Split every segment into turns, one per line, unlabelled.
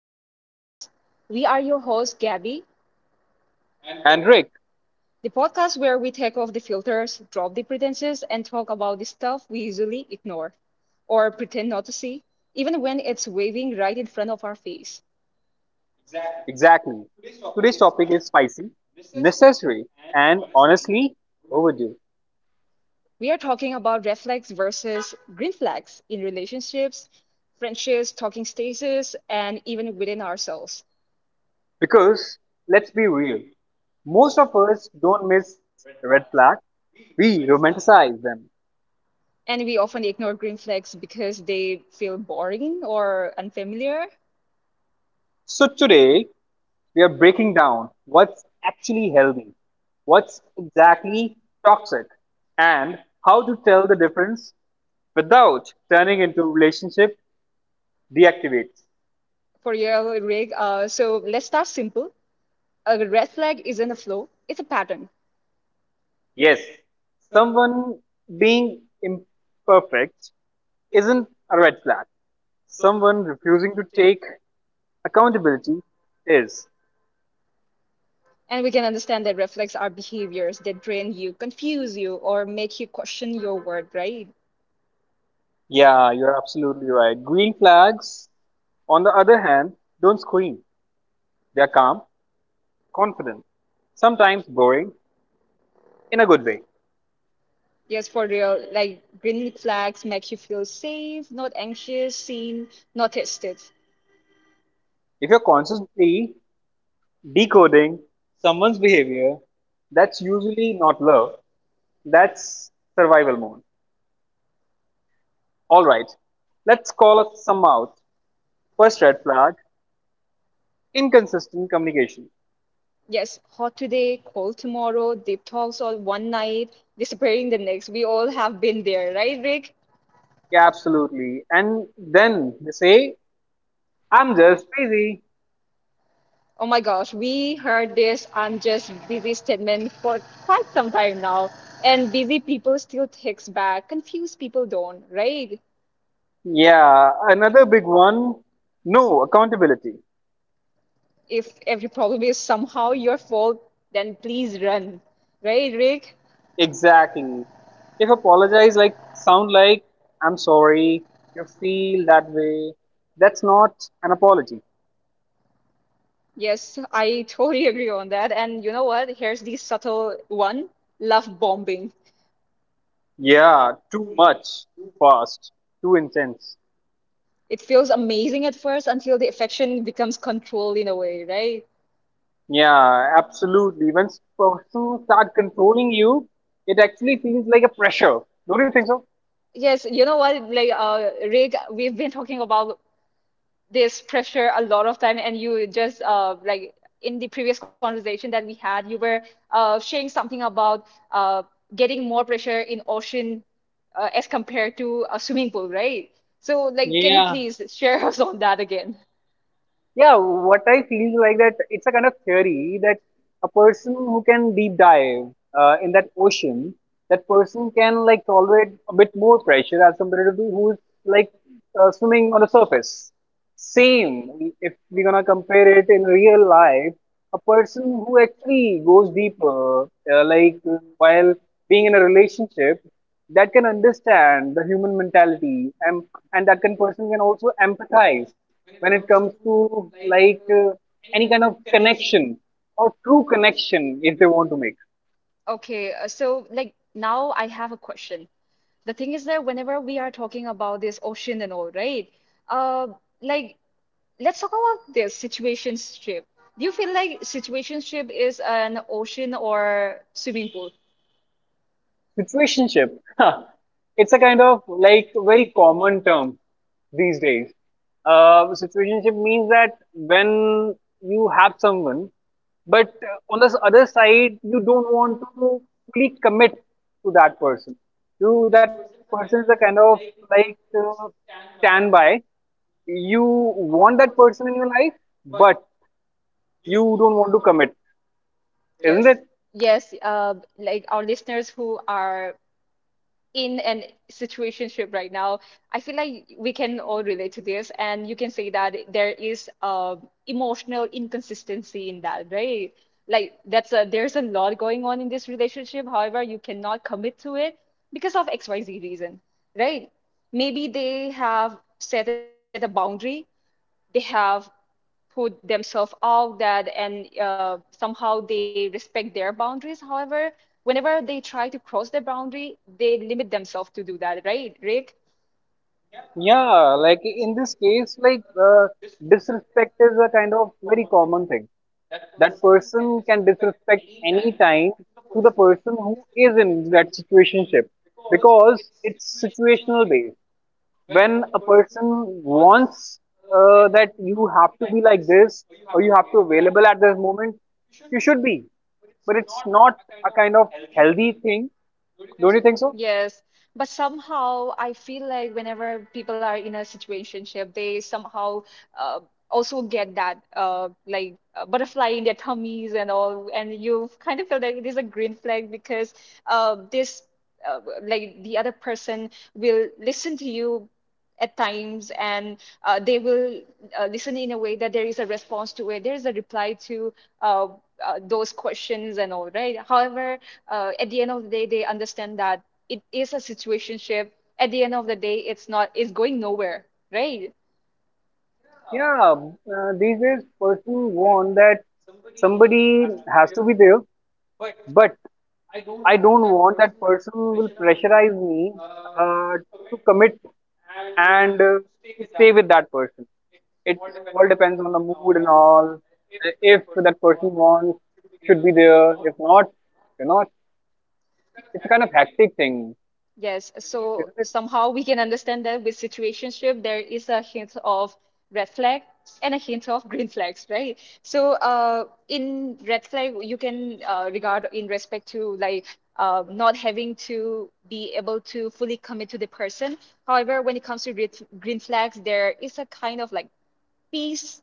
to Unmask. We are your host, Gabby,
And Rick,
the podcast where we take off the filters, drop the pretenses, and talk about the stuff we usually ignore or pretend not to see, even when it's waving right in front of our face.
exactly. Today's topic is spicy, necessary, and honestly overdue.
We are talking about red flags versus green flags in relationships, friendships, talking stages, and even within ourselves.
Because let's be real, most of us don't miss red flags. We romanticize them.
And we often ignore green flags because they feel boring or unfamiliar.
So today we are breaking down what's actually healthy, what's exactly toxic, and how to tell the difference without turning into relationship deactivates.
For your rig. So let's start simple. A red flag isn't a flow, it's a pattern.
Yes, someone being imperfect isn't a red flag. Someone refusing to take accountability is.
And we can understand that red flags are behaviors that drain you, confuse you, or make you question your worth, right?
Yeah, you're absolutely right. Green flags, on the other hand, don't scream. They're calm, confident, sometimes boring, in a good way.
Yes, for real. Like green flags make you feel safe, not anxious, seen, not tested.
If you're constantly decoding someone's behavior, that's usually not love, that's survival mode. Alright, let's call some out. First red flag inconsistent communication.
Yes, hot today, cold tomorrow, deep talks all one night, disappearing the next. We all have been there, right, Rick?
Yeah, absolutely. And then they say I'm just busy.
Oh my gosh, we heard this unjust busy statement for quite some time now, and busy people still takes back. Confused people don't, right?
Yeah, another big one. No accountability.
If every problem is somehow your fault, then please run, right, Rick?
Exactly. If apologize like sound like I'm sorry, you feel that way, that's not an apology.
Yes, I totally agree on that. And you know what? Here's the subtle one, love bombing.
Yeah, too much, too fast, too intense.
It feels amazing at first until the affection becomes controlled in a way, right?
Yeah, absolutely. When person start controlling you, it actually feels like a pressure. Don't you think so?
Yes, you know what, Rick, we've been talking about this pressure a lot of time and you just like in the previous conversation that we had you were sharing something about uh, getting more pressure in ocean as compared to a swimming pool, right? So like can you
Yeah,
please share us on that again?
Yeah, what I feel like that it's a kind of theory that a person who can deep dive in that ocean, that person can like tolerate a bit more pressure as compared to who's like swimming on the surface. Same. If we're gonna compare it in real life, a person who actually goes deeper, while being in a relationship, that can understand the human mentality, and that can person can also empathize when it comes to like any kind of connection or true connection if they want to make.
Okay, so like now I have a question. The thing is that whenever we are talking about this ocean and all, right? Uh, like let's talk about this situationship. Do you feel like situationship is an ocean or swimming pool?
Situationship. Huh. It's a kind of like very common term these days. Situationship means that when you have someone, but on the other side, you don't want to fully commit to that person. You that person is a kind of like standby. You want that person in your life, but you don't want to commit,
Yes.
isn't it?
Yes, like our listeners who are in an situationship right now, I feel like we can all relate to this, and you can say that there is emotional inconsistency in that, right? Like that's a there's a lot going on in this relationship. However, you cannot commit to it because of XYZ reason, right? Maybe they have set a boundary, they have put themselves out that and somehow they respect their boundaries. However, whenever they try to cross the boundary, they limit themselves to do that, right, Rick?
Yeah, like in this case, like disrespect is a kind of very common thing. That person can disrespect any time to the person who is in that situationship because it's situational based. When a person wants that you have to be like this or you have to available at this moment, you should be. But it's not a kind of healthy thing. Don't you think so?
Yes. But somehow I feel like whenever people are in a situationship, they somehow uh, also get that butterfly in their tummies and all, and you kind of feel that it is a green flag because this like the other person will listen to you at times and they will listen in a way that there is a response to it, there is a reply to uh, those questions and all, right? However, at the end of the day they understand that it is a situationship, at the end of the day it's not it's going nowhere, right?
Yeah, these days person want that somebody has to be there, but I don't want that person will pressurize me uh, to commit and to stay with that person. It all depends on the mood and all. If that person wants, should be there. If not, you're not. It's a kind of hectic thing,
Yes, so
isn't it?
somehow we can understand that with situationship, there is a hint of red flag and a hint of green flags, right? So, in red flag, you can regard in respect to like not having to be able to fully commit to the person. However, when it comes to red, green flags, there is a kind of like peace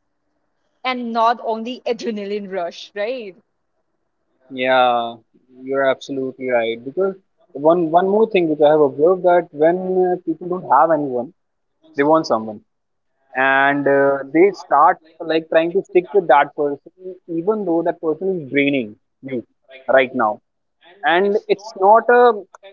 and not only adrenaline rush, right?
Yeah, you're absolutely right. Because one more thing which I have observed that when people don't have anyone, they want someone. And they start like trying to stick with that person even though that person is draining you right now and it's not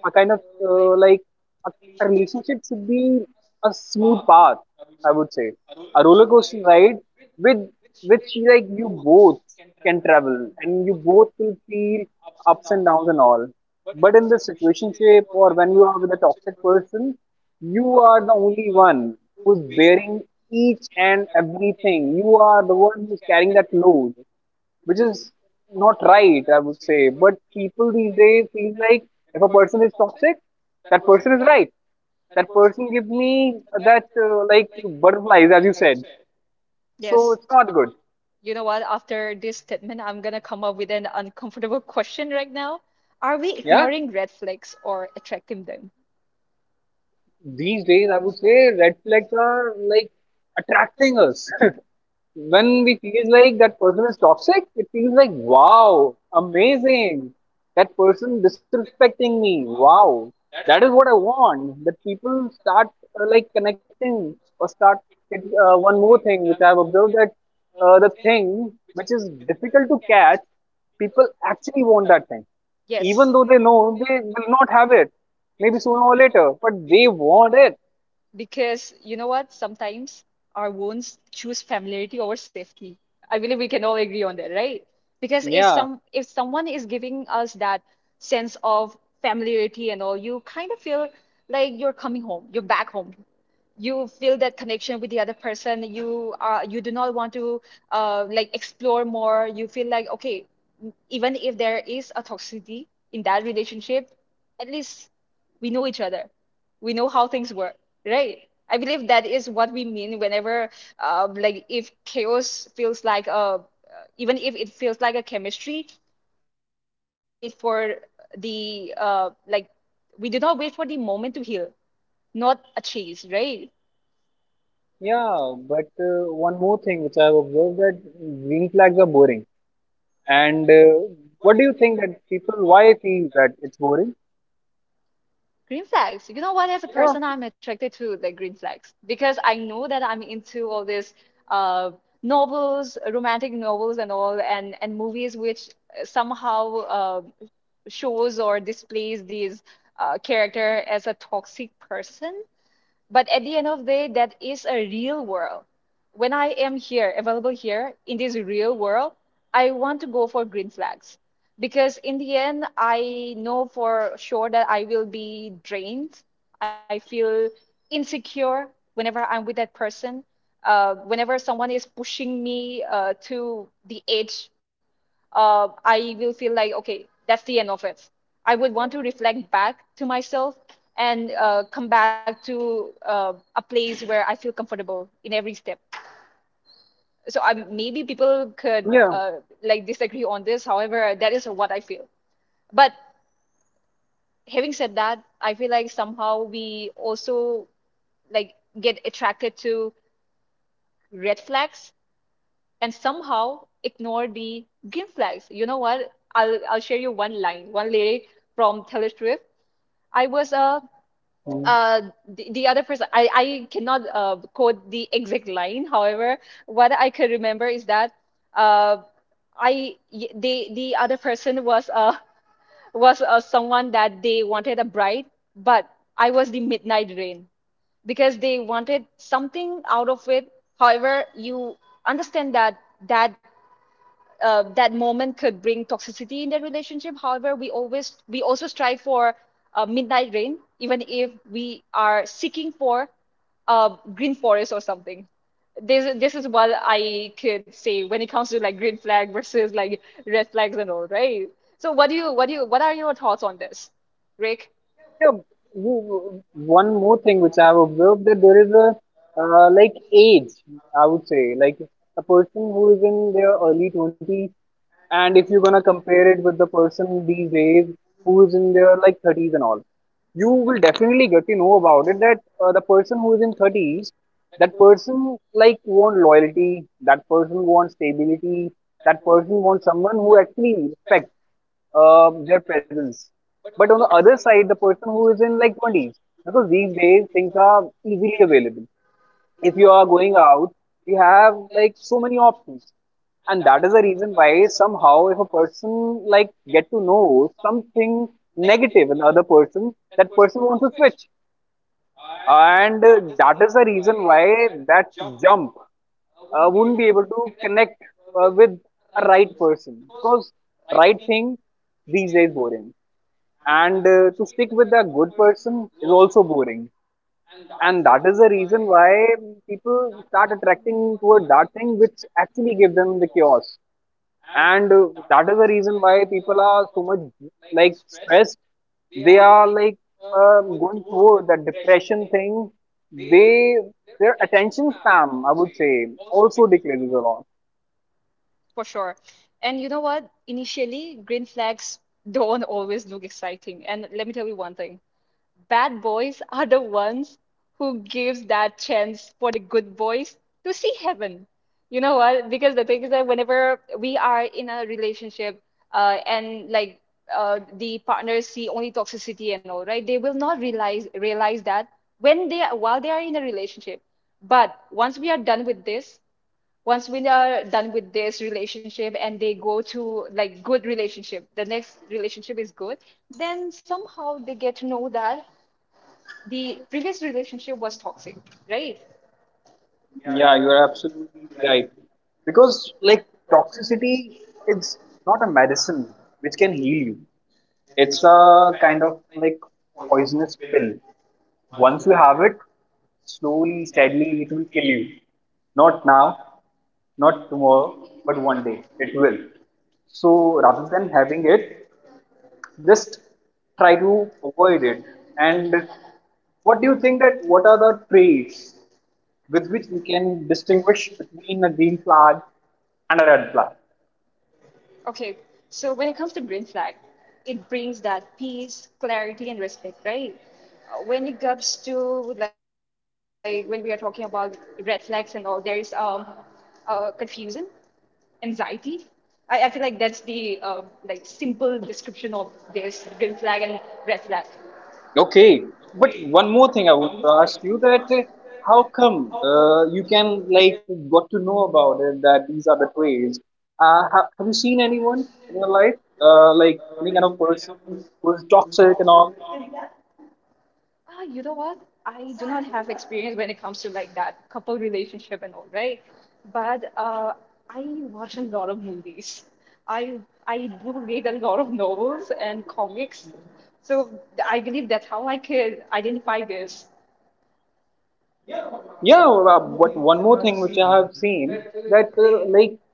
a kind of a, a relationship should be a smooth path, I would say. A roller coaster ride with which like you both can travel and you both will feel ups and downs all. But in this situationship or when you are with a toxic person, you are the only one who's bearing each and everything. You are the one who's carrying that load which is not right, I would say. But people these days feel like if a person is toxic, that person is right. That person give me that butterflies, as you said.
Yes.
So it's not good.
You know what? After this statement, I'm gonna come up with an uncomfortable question right now. Are we
Yeah.
ignoring red flags or attracting them?
These days, I would say red flags are like attracting us. When we feel like that person is toxic, it feels like, wow, amazing. That person disrespecting me. Wow. That is what I want. That people start like connecting or start. One more thing which I have observed that the thing which is difficult to catch, people actually want that thing.
Yes.
Even though they know they will not have it, maybe sooner or later, but they want it.
Because you know what? Sometimes our wounds choose familiarity over safety. I believe we can all agree on that, right? Because if
Yeah.
some if someone is giving us that sense of familiarity and all, you kind of feel like you're coming home, you're back home. You feel that connection with the other person. You do not want to like explore more. You feel like okay, even if there is a toxicity in that relationship, at least we know each other, we know how things work, right? I believe that is what we mean whenever like if chaos feels like a even if it feels like a chemistry, we do not wait for the we do not wait for the moment to heal, not a chase, right?
Yeah, but one more thing which I've observed that green flags are boring. And what do you think that people why feel that it's boring?
Green flags. You know what? As a
Yeah,
person, I'm attracted to the green flags because I know that I'm into all these uh, novels, romantic novels, and all, and movies which somehow uh, shows or displays these character as a toxic person. But at the end of the day, that is a real world. When I am here, available here in this real world, I want to go for green flags because in the end, I know for sure that I will be drained. I feel insecure whenever I'm with that person. Whenever someone is pushing me to the edge, I will feel like, okay, that's the end of it. I would want to reflect back to myself and come back to a place where I feel comfortable in every step. So
yeah,
maybe people could like disagree on this. However, that is what I feel. But having said that, I feel like somehow we also like get attracted to red flags and somehow ignore the green flags. You know what? I'll share you one line, one lyric from Taylor Swift. I was a
mm.
uh the other person, I cannot quote the exact line, however what I can remember is that uh I y- the other person was was someone that they wanted a bride, but I was the midnight rain because they wanted something out of it, however you understand that that moment could bring toxicity in their relationship. However, we also strive for midnight rain, even if we are seeking for green forest or something. This is what I could say when it comes to like green flag versus like red flags and all, right? So what are your thoughts on this, Rick?
yeah. You, one more thing which I've observed that there is a like age, I would say, like a person who is in their early twenties. And if you're gonna compare it with the person these days who's in their like 30s and all, you will definitely get to know about it that person who is in 30s, that person like want loyalty, that person wants stability, that person wants someone who actually respects their presence. But on the other side, the person who is in like 20s, because these days things are easily available. If you are going out, we have like so many options and that is the reason why somehow if a person like get to know something negative in other person that person wants to switch and that is the reason why that jump wouldn't be able to connect with a right person because right thing these days boring and to stick with a good person is also boring and that is the reason why people start attracting toward that thing which actually give them the chaos and that is the reason why people are so much like stressed they are like going toward that depression thing they their attention span i would say also decreases a lot.
For sure. And you know what? Initially, green flags don't always look exciting. And let me tell you one thing. Bad boys are the ones who gives that chance for the good boys to see heaven. You know what? Because the thing is that whenever we are in a relationship, and like the partners see only toxicity and all, right? They will not realize that when they while they are in a relationship. But once we are done with this, once we are done with this relationship and they go to like good relationship, the next relationship is good, then somehow they get to know that the previous relationship was toxic, right?
Yeah, you are absolutely right. Because like toxicity it's not a medicine which can heal you. It's a kind of like poisonous pill. Once you have it, slowly, it will kill you. Not now, not tomorrow, but one day it will. So rather than having it, just try to avoid it. And what do you think that what are the traits with which we can distinguish between a green flag and a red flag?
Okay, so when it comes to green flag, it brings that peace, clarity, and respect, right? When it comes to like when we are talking about red flags and all, there is confusion, anxiety. I feel like that's the like simple description of this green flag and red flag.
Okay, but one more thing I want to ask you that how come you can like got to know about it that these are the traits? Have you seen anyone in your life like any kind of person who is toxic and all?
Ah, you know what? I do not have experience when it comes to like that couple relationship and all, right? But I watch a lot of movies. I I do read a lot of novels and comics. So I believe that's how I could identify this.
Yeah, well, but one more thing which I have seen that uh, like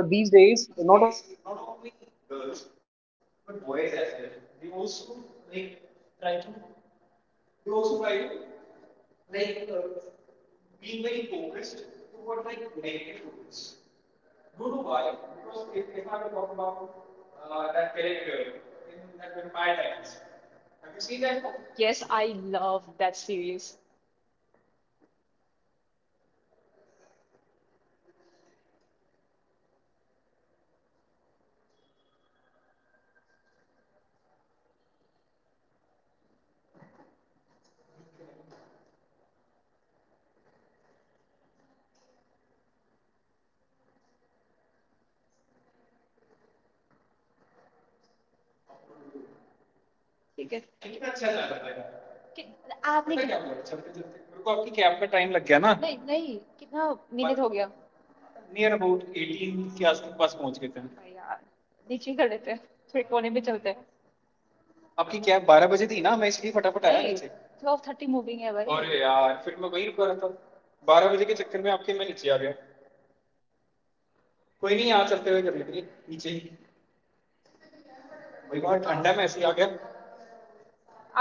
uh, these days, not only girls but boys as well, they also like try to they also try to like being very focused toward that negative roles. Don't know why, because if I would talk about that character in that Vampire Diaries, have you seen that
Yes,
one?
I love that series. ठीक है कि- आपने नहीं नहीं कितना minute हो गया अरे यार नीचे ही कर लेते हैं थोड़े कोने में चलते हैं ट्वेल्व थर्टी मूविंग है भाई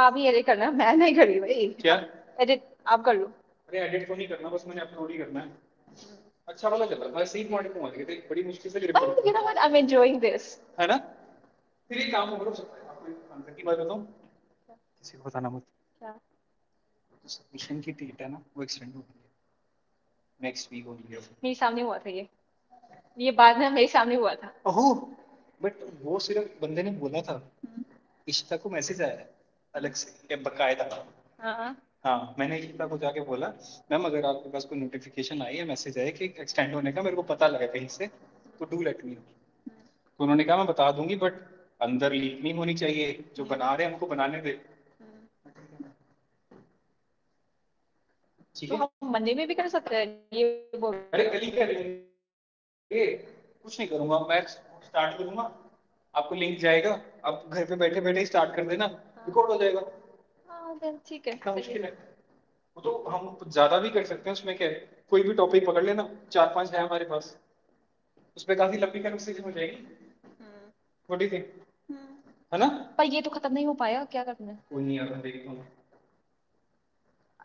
आप ही एडिट करना मैं नहीं कर रही भाई एडिट आप कर लो but you know what I am enjoying this क्या मेरे सामने हुआ था ये ये बाद में मेरे सामने हुआ था हाँ तो हम मंदिर में भी कर सकते हैं ये बोल रहे हो। हाँ then ठीक है सही है। पर ये तो खत्म नहीं हो पाया क्या करना है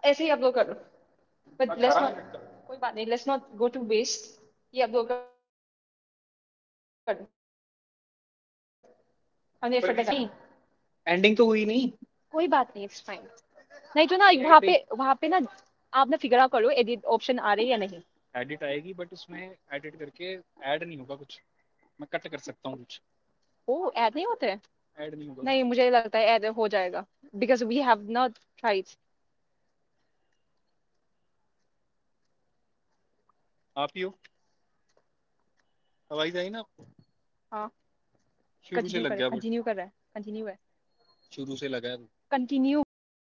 ऐसे ही अपलोड कर दो बट लेट्स नॉट कोई बात नहीं let's not go to waste ये अपलोड कर दो हमने एफर्ट लगाया हाँ कोई बात नहीं कोई बात नहीं इट्स फाइन नहीं तो ना वहाँ पे ना आप ना फिगर आउट कर लो एडिट ऑप्शन आ रही है या नहीं ओ ऐड नहीं होते हैं? नहीं मुझे लगता है ऐड हो जाएगा because we have not tried
आप ही हो, आवाज़ आई ना आपको?
हाँ
शुरू से लग गया बस,
कंटिन्यू कर रहा है कंटिन्यू है
शुरू से लगा है वो।
कंटिन्यू है